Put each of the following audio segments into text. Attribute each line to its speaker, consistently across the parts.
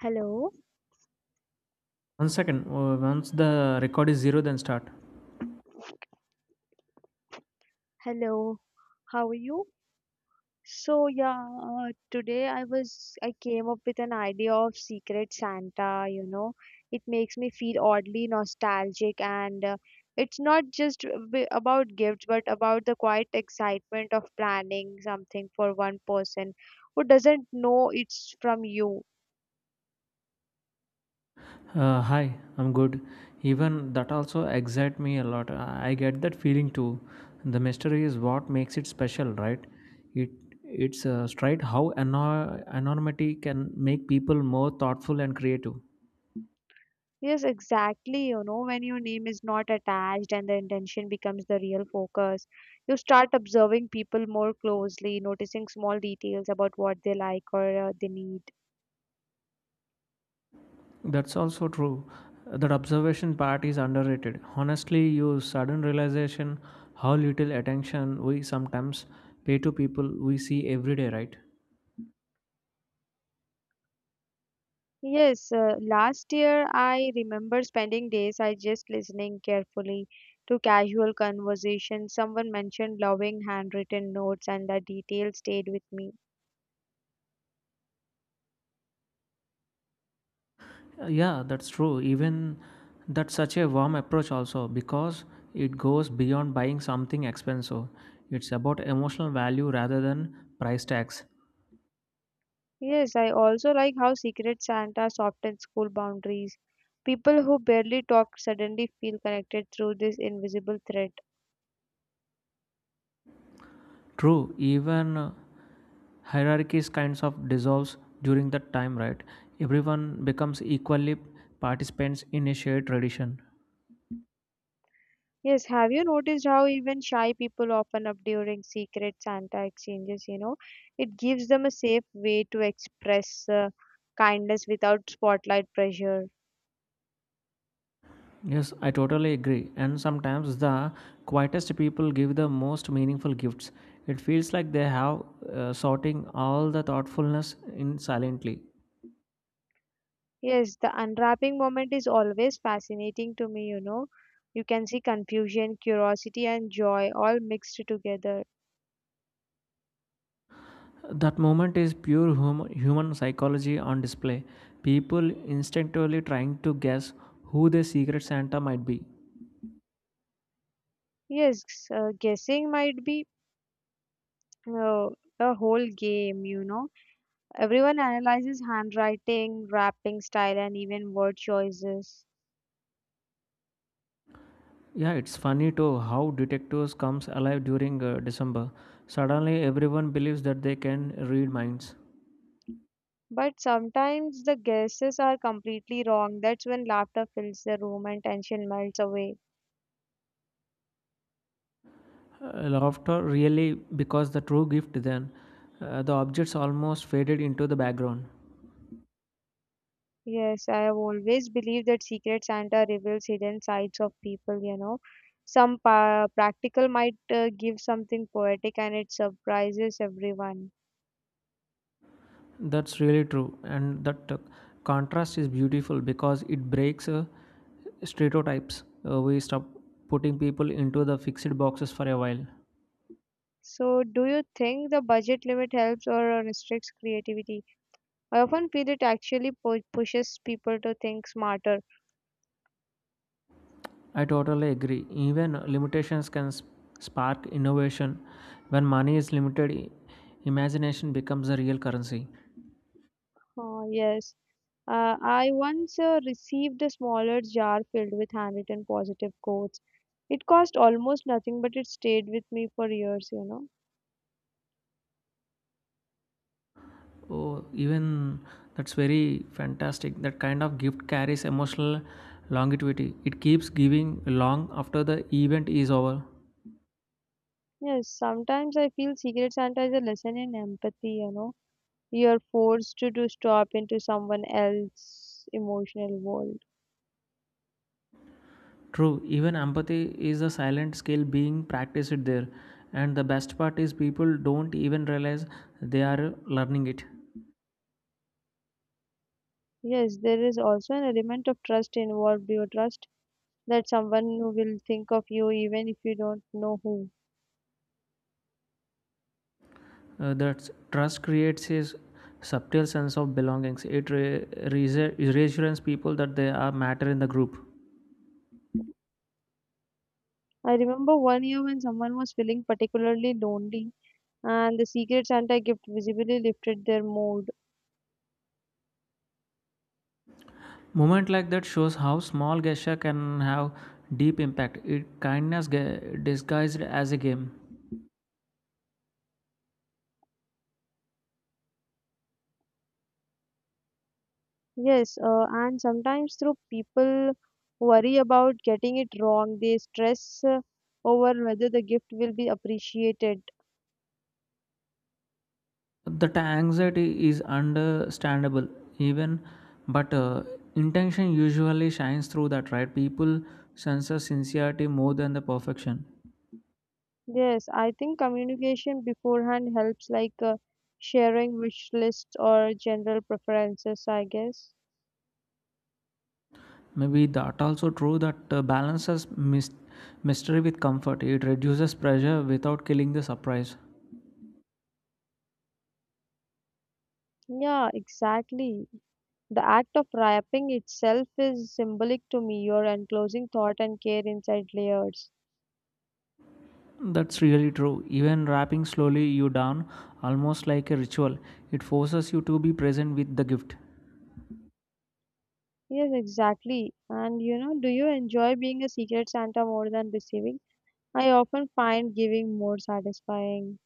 Speaker 1: Hello,
Speaker 2: One second. Once the record is zero, then start.
Speaker 1: hello. How are you? So yeah, today I came up with an idea of Secret Santa, you know. It makes me feel oddly nostalgic, and it's not just about gifts but about the quiet excitement of planning something for one person who doesn't know it's from you.
Speaker 2: Hi, I'm good. Even that also excites me a lot. I get that feeling too. The mystery is what makes it special, right? It it's straight how anonymity can make people more thoughtful and creative.
Speaker 1: Yes, exactly. You know, when your name is not attached and the intention becomes the real focus, you start observing people more closely, noticing small details about what they like or they need.
Speaker 2: That's also true. That observation part is underrated. Honestly, you sudden realization how little attention we sometimes pay to people we see every day, right?
Speaker 1: Yes, last year I remember spending days I just listening carefully to casual conversations. Someone mentioned loving handwritten notes, and the details stayed with me.
Speaker 2: Yeah, that's true. Even that's such a warm approach, also, because it goes beyond buying something expensive. It's about emotional value rather than price tags.
Speaker 1: Yes, I also like how secret Santa softens school boundaries. People who barely talk suddenly feel connected through this invisible thread.
Speaker 2: True, even hierarchies kinds of dissolves during that time, right? Everyone becomes equally participants in a shared tradition.
Speaker 1: Yes, have you noticed how even shy people often up during secret Santa exchanges? You know, it gives them a safe way to express kindness without spotlight pressure.
Speaker 2: Yes, I totally agree. And sometimes the quietest people give the most meaningful gifts. It feels like they have sorting all the thoughtfulness in silently.
Speaker 1: Yes, the unwrapping moment is always fascinating to me. You know, you can see confusion, curiosity, and joy all mixed together.
Speaker 2: That moment is pure human psychology on display. People instinctively trying to guess who the secret Santa might be.
Speaker 1: Yes, guessing might be uh, a whole game, you know. Everyone analyzes handwriting, rapping style, and even word choices.
Speaker 2: Yeah, it's funny too how detectives comes alive during December. Suddenly, everyone believes that they can read minds.
Speaker 1: But sometimes the guesses are completely wrong. That's when laughter fills the room and tension melts away.
Speaker 2: Laughter really because the true gift then the objects almost faded into the background.
Speaker 1: Yes, I have always believed that Secret Santa reveals hidden sides of people, you know. Some pa practical might give something poetic, and it surprises everyone.
Speaker 2: That's really true and that contrast is beautiful because it breaks stereotypes. We stop putting people into the fixed boxes for a while.
Speaker 1: So, do you think the budget limit helps or restricts creativity? I often feel it actually pushes people to think smarter.
Speaker 2: I totally agree, even limitations can spark innovation when money is limited. Imagination becomes a real currency.
Speaker 1: Oh, yes. I once received a smaller jar filled with handwritten positive quotes. It cost almost nothing, but it stayed with me for years, you know.
Speaker 2: Oh, even that's very fantastic. That kind of gift carries emotional longevity. It keeps giving long after the event is over.
Speaker 1: Yes, sometimes I feel Secret Santa is a lesson in empathy, you know. You're forced to stop into someone else's emotional world.
Speaker 2: True, even empathy is a silent skill being practiced there. And the best part is people don't even realize they are learning it.
Speaker 1: Yes, there is also an element of trust involved. You trust that someone who will think of you even if you don't know who.
Speaker 2: That trust creates a subtle sense of belongings. It reassures people that they are matter in the group.
Speaker 1: I remember one year when someone was feeling particularly lonely, and the Secret Santa gift visibly lifted their mood.
Speaker 2: Moment like that shows how small gesture can have deep impact. It kindness disguised as a game.
Speaker 1: Yes, and sometimes through people worry about getting it wrong, they stress over whether the gift will be appreciated.
Speaker 2: That anxiety is understandable, even, but intention usually shines through that, right? People sense the sincerity more than the perfection.
Speaker 1: Yes, I think communication beforehand helps, like sharing wish lists or general preferences, I guess.
Speaker 2: Maybe that also true that balances mystery with comfort. It reduces pressure without killing the surprise.
Speaker 1: Yeah, exactly. The act of wrapping itself is symbolic to me, your enclosing thought and care inside layers.
Speaker 2: That's really true. Even wrapping slowly you down, almost like a ritual, it forces you to be present with the gift.
Speaker 1: Yes, exactly. And you know, do you enjoy being a secret Santa more than receiving? I often find giving more satisfying.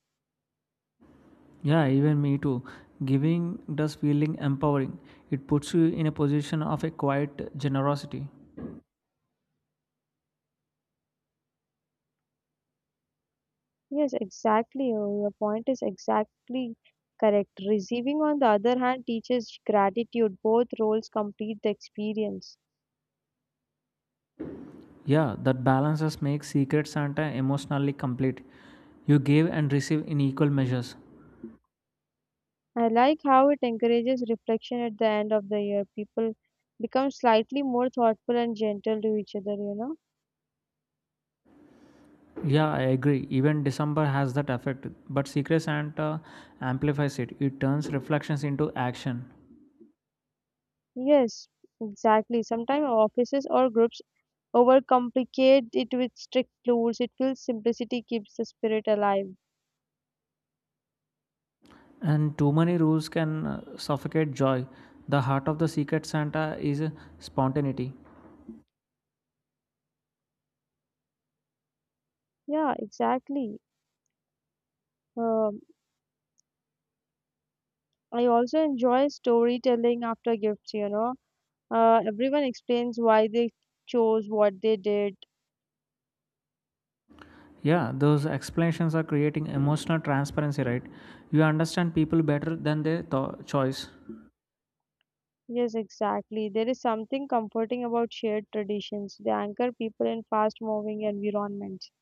Speaker 2: Yeah, even me too. Giving does feeling empowering. It puts you in a position of a quiet generosity.
Speaker 1: Yes, exactly. Oh, your point is exactly correct. Receiving, on the other hand, teaches gratitude. Both roles complete the experience.
Speaker 2: Yeah, that balances makes Secret Santa emotionally complete. You give and receive in equal measures.
Speaker 1: I like how it encourages reflection at the end of the year. People become slightly more thoughtful and gentle to each other, you know?
Speaker 2: Yeah, I agree. Even December has that effect, but Secret Santa amplifies it. It turns reflections into action.
Speaker 1: Yes, exactly. Sometimes offices or groups overcomplicate it with strict rules. It feels simplicity keeps the spirit alive.
Speaker 2: And too many rules can suffocate joy. The heart of the Secret Santa is spontaneity.
Speaker 1: Yeah, exactly. Um, I also enjoy storytelling after gifts, you know. Everyone explains why they chose what they did.
Speaker 2: Yeah, those explanations are creating emotional transparency, right? You understand people better than their choice.
Speaker 1: Yes, exactly. There is something comforting about shared traditions. They anchor people in fast moving environments.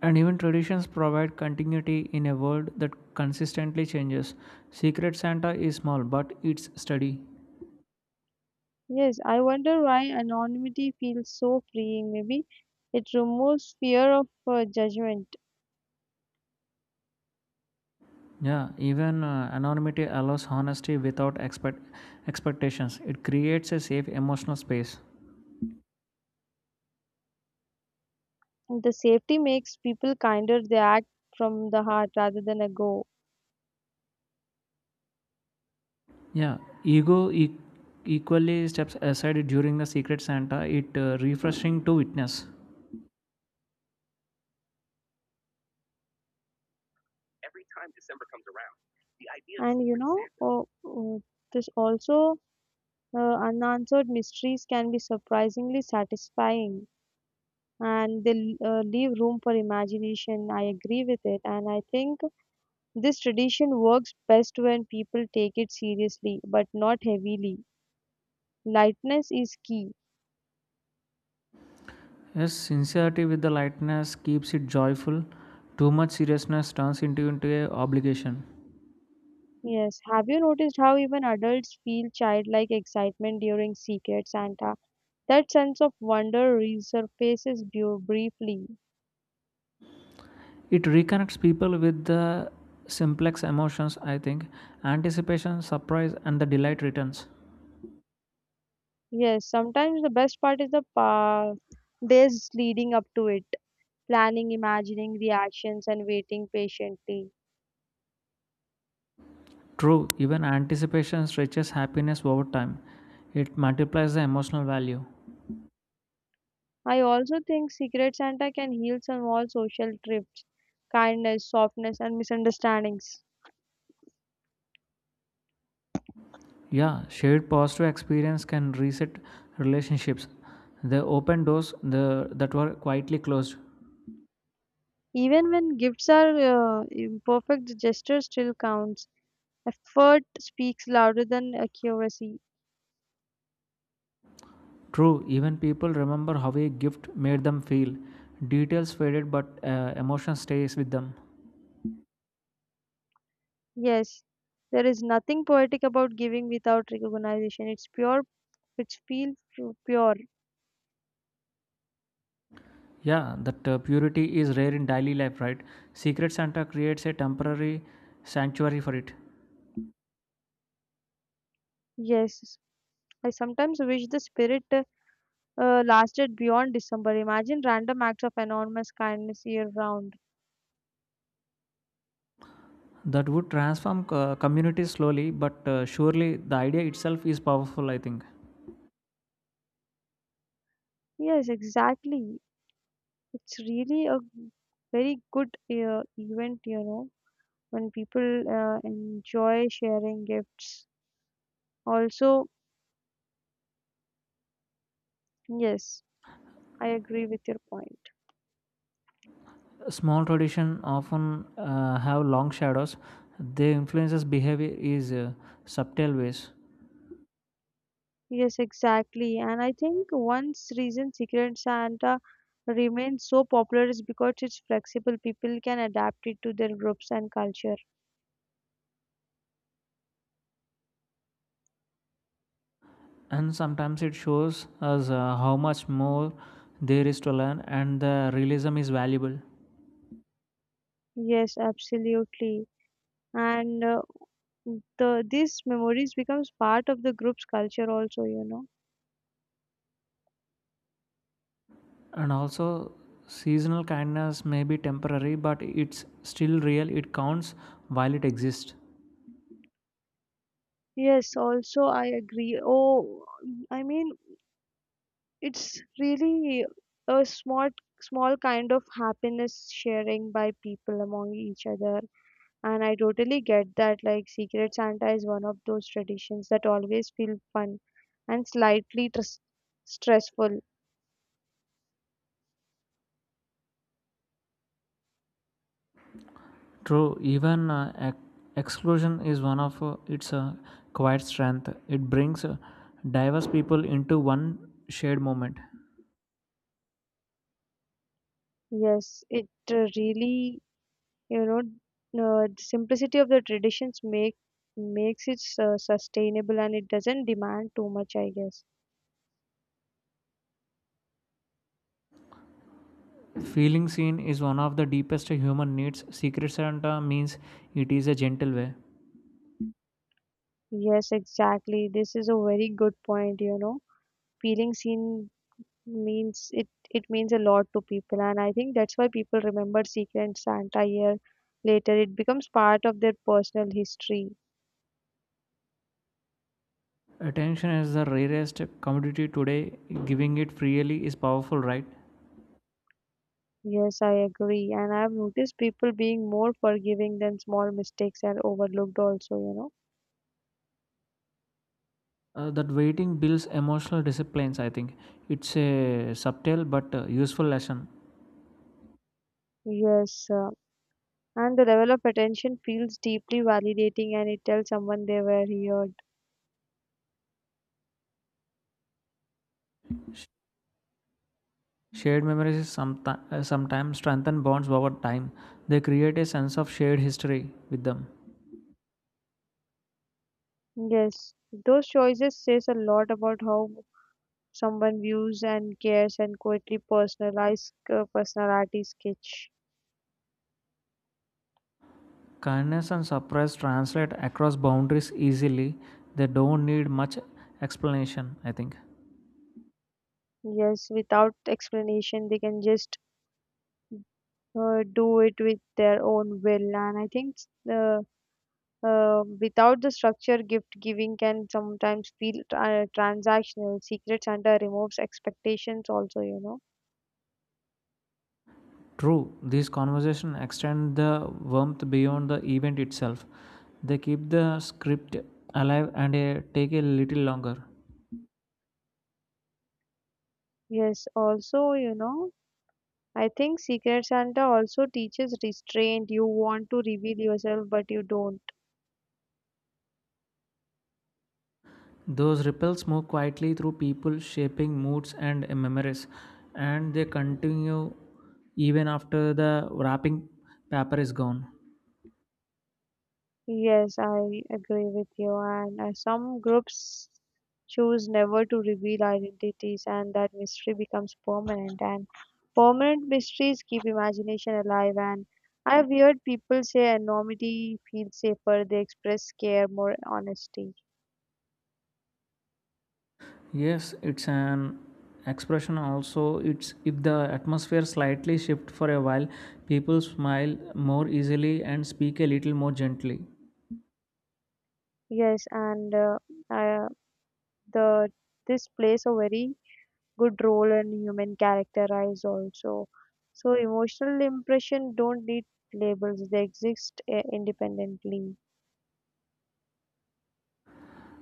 Speaker 2: And even traditions provide continuity in a world that consistently changes. Secret Santa is small, but it's steady.
Speaker 1: Yes, I wonder why anonymity feels so freeing. Maybe it removes fear of judgment.
Speaker 2: Yeah, even anonymity allows honesty without expectations. It creates a safe emotional space.
Speaker 1: The safety makes people kinder. They act from the heart rather than a go.
Speaker 2: Yeah, ego equally steps aside during the Secret Santa, it refreshing to witness.
Speaker 1: And you know, this also unanswered mysteries can be surprisingly satisfying, and they leave room for imagination. I agree with it. And I think this tradition works best when people take it seriously but not heavily. Lightness is key.
Speaker 2: Yes, sincerity with the lightness keeps it joyful. Too much seriousness turns into a obligation.
Speaker 1: Yes. Have you noticed how even adults feel childlike excitement during Secret Santa? That sense of wonder resurfaces briefly.
Speaker 2: It reconnects people with the simplex emotions, I think. Anticipation, surprise, and the delight returns.
Speaker 1: Yes, sometimes the best part is the days leading up to it. Planning, imagining reactions, and waiting patiently.
Speaker 2: True, even anticipation stretches happiness over time. It multiplies the emotional value.
Speaker 1: I also think Secret Santa can heal small social trips, kindness, softness, and misunderstandings.
Speaker 2: Yeah, shared positive experience can reset relationships. They open doors that were quietly closed.
Speaker 1: Even when gifts are imperfect, the gesture still counts. Effort speaks louder than accuracy.
Speaker 2: True, even people remember how a gift made them feel. Details faded, but emotion stays with them.
Speaker 1: Yes, there is nothing poetic about giving without recognition. It's pure, it's feel pure.
Speaker 2: Yeah, that purity is rare in daily life, right? Secret Santa creates a temporary sanctuary for it.
Speaker 1: Yes, I sometimes wish the spirit lasted beyond December. Imagine random acts of enormous kindness year round.
Speaker 2: That would transform communities slowly, but surely the idea itself is powerful, I think.
Speaker 1: Yes, exactly. It's really a very good event, you know, when people enjoy sharing gifts. Also, yes, I agree with your point.
Speaker 2: Small tradition often have long shadows. They influences behavior is subtle ways,
Speaker 1: Yes, exactly. And I think one reason Secret Santa remains so popular is because it's flexible. People can adapt it to their groups and culture.
Speaker 2: and sometimes it shows us how much more there is to learn, and the realism is valuable.
Speaker 1: Yes, absolutely. And the these memories becomes part of the group's culture also, you know.
Speaker 2: And also, seasonal kindness may be temporary, but it's still real. It counts while it exists.
Speaker 1: Yes, also I agree. Oh, I mean, it's really a small kind of happiness sharing by people among each other. And I totally get that, like, secret Santa is one of those traditions that always feel fun and slightly stressful.
Speaker 2: True, even exclusion is one of its quiet strength. It brings diverse people into one shared moment.
Speaker 1: Yes, it really, you know, the simplicity of the traditions makes it sustainable, and it doesn't demand too much, I guess.
Speaker 2: Feeling seen is one of the deepest human needs. Secret Santa means it is a gentle way.
Speaker 1: Yes, exactly, this is a very good point, you know. Feeling seen means it means a lot to people, and I think that's why people remember secret Santa year later. It becomes part of their personal history.
Speaker 2: Attention is the rarest commodity today. Giving it freely is powerful, right?
Speaker 1: Yes, I agree, and I've noticed people being more forgiving than small mistakes are overlooked also, you know.
Speaker 2: That waiting builds emotional disciplines, I think. It's a subtle but useful lesson.
Speaker 1: Yes, and the level of attention feels deeply validating, and it tells someone they were heard.
Speaker 2: Shared memories sometimes strengthen bonds over time. They create a sense of shared history with them.
Speaker 1: Yes, those choices says a lot about how someone views and cares, and quietly personalized personality sketch.
Speaker 2: Kindness and surprise translate across boundaries easily. They don't need much explanation, I think.
Speaker 1: Yes, without explanation, they can just do it with their own will. And I think uh, without the structure, gift giving can sometimes feel transactional. Secret Santa removes expectations also, you know.
Speaker 2: True, these conversations extend the warmth beyond the event itself. They keep the script alive and take a little longer.
Speaker 1: Yes, also, you know, I think Secret Santa also teaches restraint. You want to reveal yourself, but you don't.
Speaker 2: Those ripples move quietly through people, shaping moods and memories, and they continue even after the wrapping paper is gone.
Speaker 1: Yes, I agree with you. And some groups choose never to reveal identities, and that mystery becomes permanent. And permanent mysteries keep imagination alive. And I have heard people say anonymity feels safer, they express care, more honesty.
Speaker 2: Yes, it's an expression also. It's if the atmosphere slightly shifts for a while, people smile more easily and speak a little more gently.
Speaker 1: Yes, and uh, the this plays a very good role in human characterize also. So emotional impression don't need labels; they exist independently.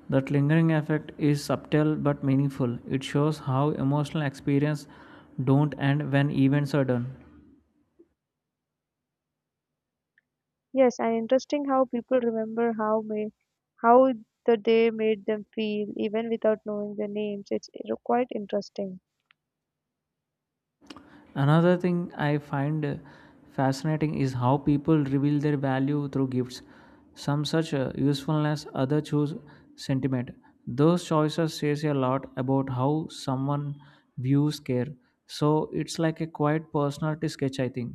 Speaker 2: That lingering effect is subtle but meaningful. It shows how emotional experiences don't end when events are done.
Speaker 1: Yes, and interesting how people remember how the day made them feel even without knowing the names. It's quite interesting.
Speaker 2: Another thing I find fascinating is how people reveal their value through gifts. Some such usefulness, others choose sentiment. Those choices says a lot about how someone views care. So it's like a quiet personality sketch, I think.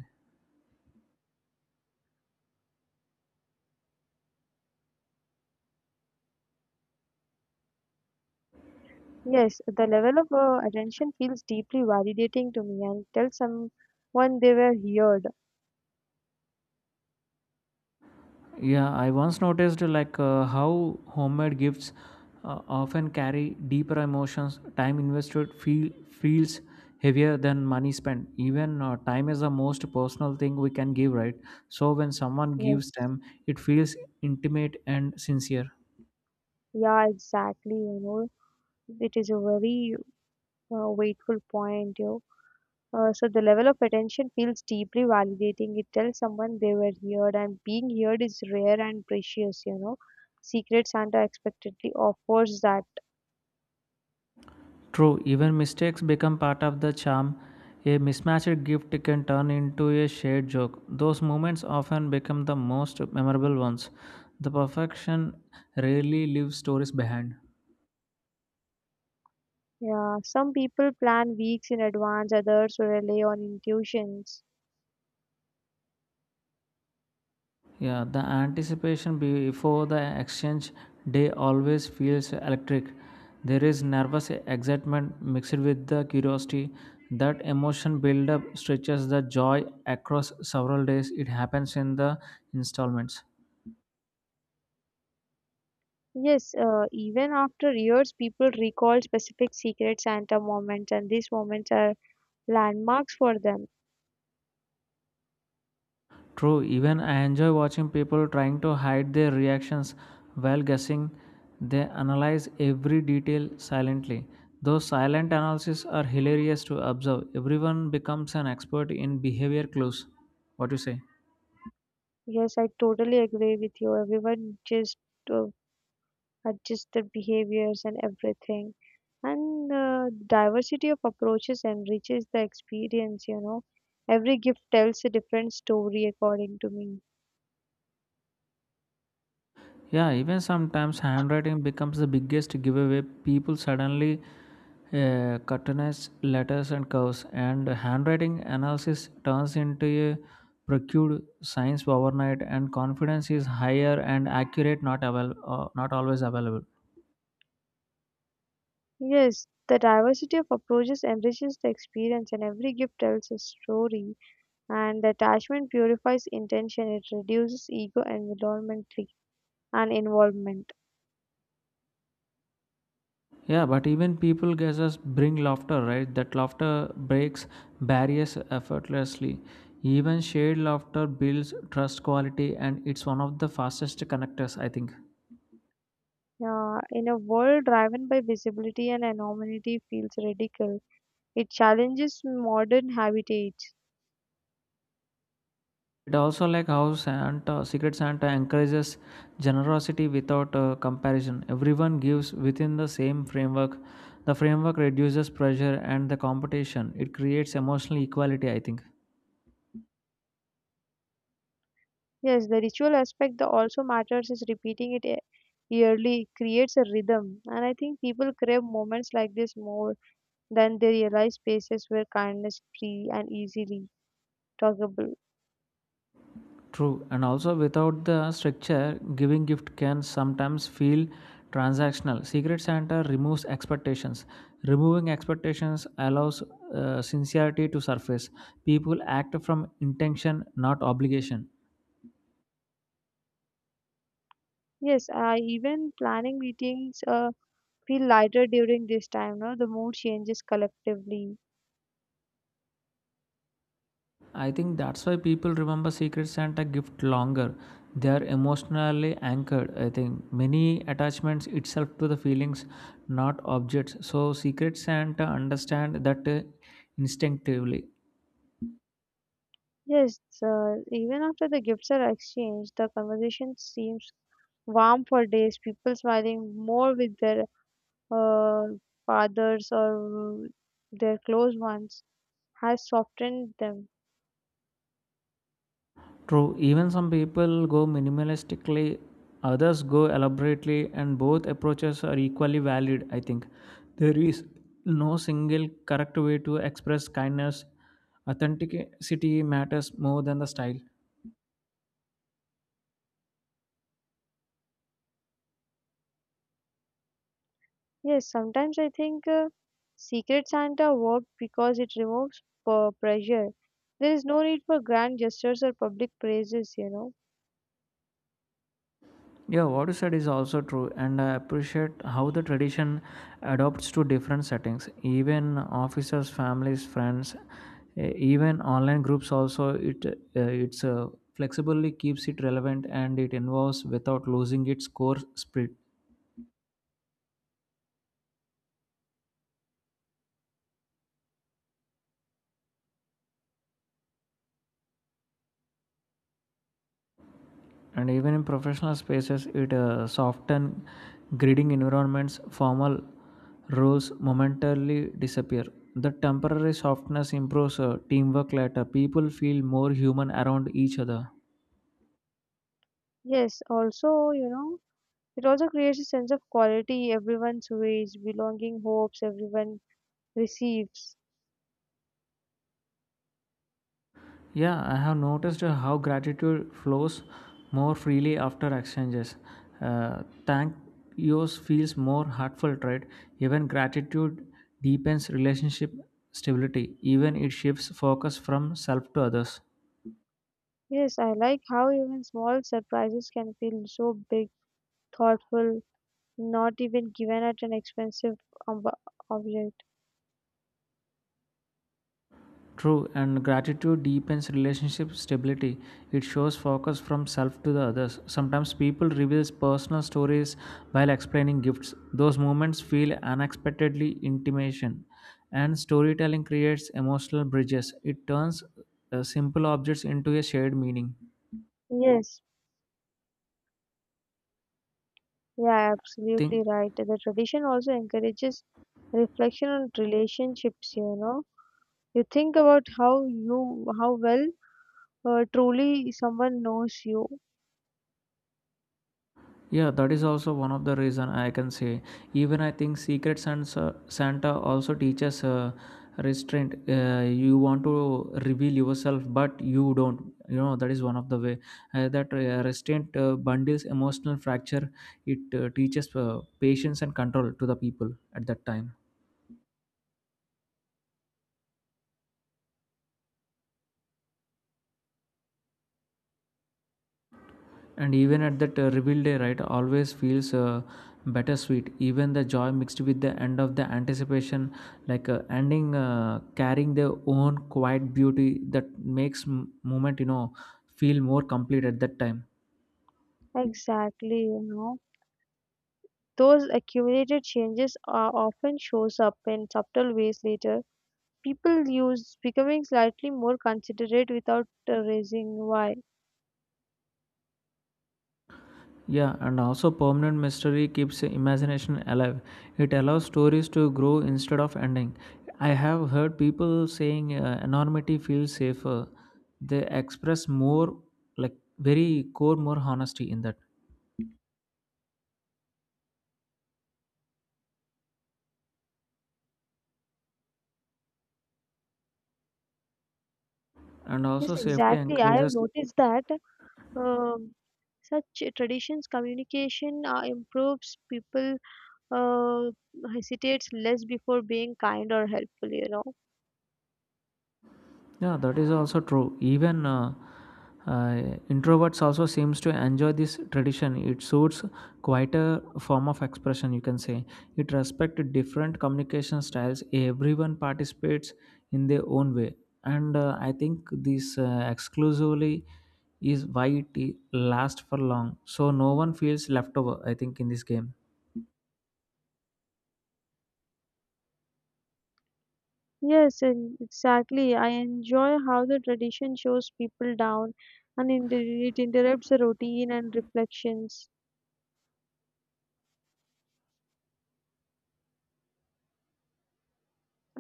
Speaker 1: Yes, the level of attention feels deeply validating to me, and tell someone they were heard.
Speaker 2: Yeah, I once noticed like how homemade gifts often carry deeper emotions. Time invested feels heavier than money spent. Even time is the most personal thing we can give, right? So when someone gives
Speaker 1: Yes,
Speaker 2: time, it feels intimate and sincere.
Speaker 1: yeah, exactly. You know, it is a very weighful point. You so the level of attention feels deeply validating. It tells someone they were heard, and being heard is rare and precious, you know. Secret Santa expectedly offers that.
Speaker 2: True, even mistakes become part of the charm. A mismatched gift can turn into a shared joke. Those moments often become the most memorable ones. The perfection rarely leaves stories behind.
Speaker 1: Yeah, some people plan weeks in advance, others rely on intuitions.
Speaker 2: Yeah, the anticipation before the exchange day always feels electric. There is nervous excitement mixed with the curiosity. That emotion buildup stretches the joy across several days. It happens in the installments.
Speaker 1: Yes, even after years, people recall specific Secret Santa moments, and these moments are landmarks for them.
Speaker 2: True, even I enjoy watching people trying to hide their reactions while guessing. They analyze every detail silently. Those silent analyses are hilarious to observe. Everyone becomes an expert in behavior clues. What do you say?
Speaker 1: Yes, I totally agree with you. Everyone just uh, adjust their behaviors and everything. And the diversity of approaches enriches the experience, you know. Every gift tells a different story, according to me.
Speaker 2: Yeah, even sometimes handwriting becomes the biggest giveaway. People suddenly cartoonize letters and curves, and handwriting analysis turns into a procured science overnight. And confidence is higher and accurate, not always available.
Speaker 1: Yes, the diversity of approaches enriches the experience, and every gift tells a story. And the attachment purifies intention, it reduces ego environmentally and involvement.
Speaker 2: Yeah, but even people guesses bring laughter, right? That laughter breaks barriers effortlessly. Even shared laughter builds trust quality, and it's one of the fastest connectors, I think.
Speaker 1: In a world driven by visibility and anonymity feels radical. It challenges modern habitats.
Speaker 2: It also like how Secret Santa encourages generosity without comparison. Everyone gives within the same framework. The framework reduces pressure and the competition. It creates emotional equality, I think.
Speaker 1: Yes, the ritual aspect that also matters is repeating it yearly creates a rhythm. And I think people crave moments like this more than they realize spaces where kindness is free and easily talkable.
Speaker 2: True. And also without the structure, giving gift can sometimes feel transactional. Secret Santa removes expectations. Removing expectations allows sincerity to surface. People act from intention, not obligation.
Speaker 1: Yes, I even planning meetings feel lighter during this time. No, the mood changes collectively.
Speaker 2: I think that's why people remember Secret Santa gift longer. They are emotionally anchored. I think many attachments itself to the feelings, not objects. So Secret Santa understand that instinctively.
Speaker 1: Yes, even after the gifts are exchanged, the conversation seems warm for days. People smiling more with their uh, fathers or their close ones has softened them.
Speaker 2: True. Even some people go minimalistically, others go elaborately, and both approaches are equally valid. I think there is no single correct way to express kindness. Authenticity matters more than the style.
Speaker 1: Yes, sometimes I think Secret Santa worked because it removes pressure. There is no need for grand gestures or public praises, you know.
Speaker 2: Yeah, what you said is also true, and I appreciate how the tradition adopts to different settings. Even officers, families, friends, eh, even online groups. Also, it's flexibly keeps it relevant and it involves without losing its core spirit. And even in professional spaces it soften grading environments formal roles momentarily disappear. The temporary softness improves teamwork later. People feel more human around each other.
Speaker 1: Yes, also, you know, it also creates a sense of quality, everyone's ways, belonging hopes everyone receives.
Speaker 2: Yeah, I have noticed how gratitude flows more freely after exchanges. uh, Thank yours feels more heartfelt, right? Even gratitude deepens relationship stability, even it shifts focus from self to others.
Speaker 1: Yes, I like how even small surprises can feel so big, thoughtful, not even given at an expensive ob- object.
Speaker 2: True, and gratitude deepens relationship stability. It shows focus from self to the others. Sometimes people reveals personal stories while explaining gifts. Those moments feel unexpectedly intimation, and storytelling creates emotional bridges. It turns simple objects into a shared meaning.
Speaker 1: Yeah, absolutely
Speaker 2: Think.
Speaker 1: right. The tradition also encourages reflection on relationships, you know. You think about how well truly someone knows you.
Speaker 2: Yeah, that is also one of the reason I can say. Even I think Santa also teaches restraint. You want to reveal yourself, but you don't. You know that is one of the way that restraint bundles emotional fracture. It teaches patience and control to the people at that time. And even at that reveal day, right, always feels bittersweet. Even the joy mixed with the end of the anticipation, ending, carrying their own quiet beauty that makes moment, you know, feel more complete at that time.
Speaker 1: Exactly, you know. Those accumulated changes are often shows up in subtle ways later. People use becoming slightly more considerate without raising why.
Speaker 2: Yeah, and also permanent mystery keeps imagination alive. It allows stories to grow instead of ending. I have heard people saying anonymity feels safer. They express more, like very core, more honesty in that. And
Speaker 1: Yes,
Speaker 2: also safety
Speaker 1: exactly. I have
Speaker 2: encourages.
Speaker 1: noticed that Um, such traditions communication improves people uh, hesitates less before being kind or helpful, you know.
Speaker 2: Yeah, that is also true, even uh, introverts also seems to enjoy this tradition. It suits quite a form of expression, you can say. It respects different communication styles. Everyone participates in their own way. And I think this exclusively is why it lasts for long, so no one feels left over, I think in this game.
Speaker 1: Yes, and exactly. I enjoy how the tradition shows people down and it interrupts the routine and reflections.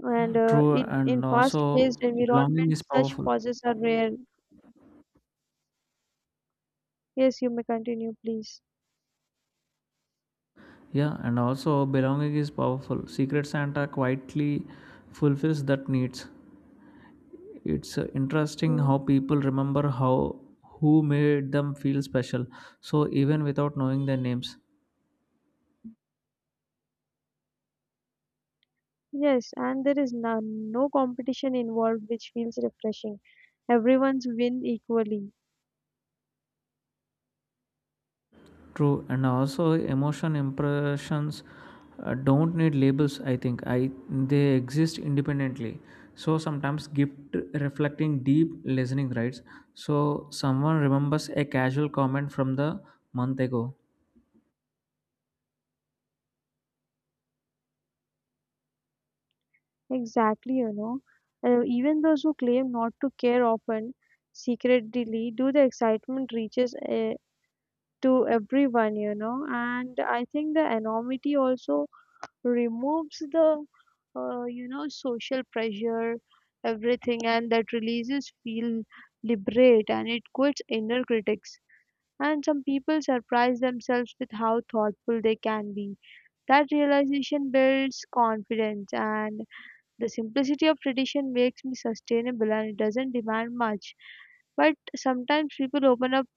Speaker 1: And
Speaker 2: True,
Speaker 1: it,
Speaker 2: and
Speaker 1: in
Speaker 2: also
Speaker 1: fast-paced
Speaker 2: belonging is
Speaker 1: environments, such
Speaker 2: powerful.
Speaker 1: pauses are rare. Yes, you may continue, please.
Speaker 2: Yeah, and also belonging is powerful. Secret Santa quietly fulfills that needs. It's interesting how
Speaker 1: Mm.
Speaker 2: people remember how who made them feel special. So even without knowing their names.
Speaker 1: Yes, and there is no competition involved, which feels refreshing. Everyone's win equally.
Speaker 2: True, and also emotion impressions don't need labels. I think I they exist independently. So sometimes gift reflecting deep listening, right? So someone remembers a casual comment from the month ago.
Speaker 1: Exactly, you know. Even those who claim not to care often secretly do. The excitement reaches to everyone, you know. And I think the anonymity also removes the, you know, social pressure, everything, and that releases feel liberate, and it quits inner critics. And some people surprise themselves with how thoughtful they can be. That realization builds confidence, and the simplicity of tradition makes me sustainable, and it doesn't demand much. But sometimes people open up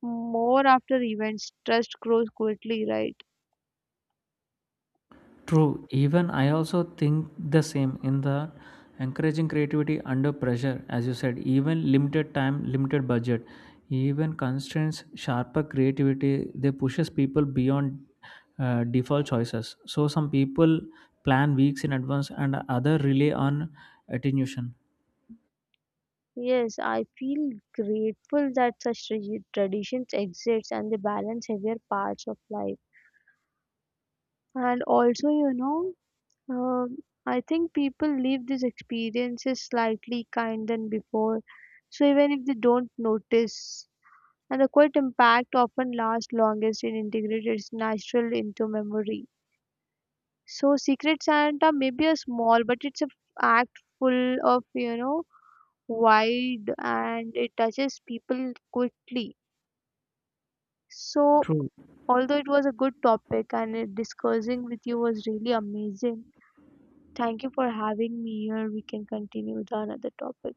Speaker 1: more after events, trust grows quickly, right?
Speaker 2: True, even I also think the same in the encouraging creativity under pressure, as you said, even limited time, limited budget, even constraints, sharper creativity, they pushes people beyond default choices. So some people plan weeks in advance and other rely on attenuation.
Speaker 1: Yes, I feel grateful that such traditions exist, and they balance heavier parts of life. And also, you know, um, I think people leave these experiences slightly kind than before. So even if they don't notice, and the quiet impact often lasts longest in integrated, it's natural into memory. So Secret Santa may be a small, but it's a act full of, you know, wide, and it touches people quickly. So,
Speaker 2: True.
Speaker 1: although it was a good topic and it, discussing with you was really amazing, thank you for having me here. We can continue with another topic.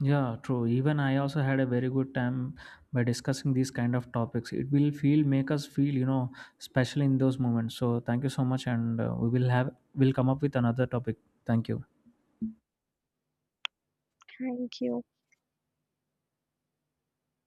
Speaker 2: Yeah, true. Even I also had a very good time by discussing these kind of topics. It will feel make us feel, you know, special in those moments. So thank you so much, and we will have will come up with another topic. Thank you.
Speaker 1: Thank you.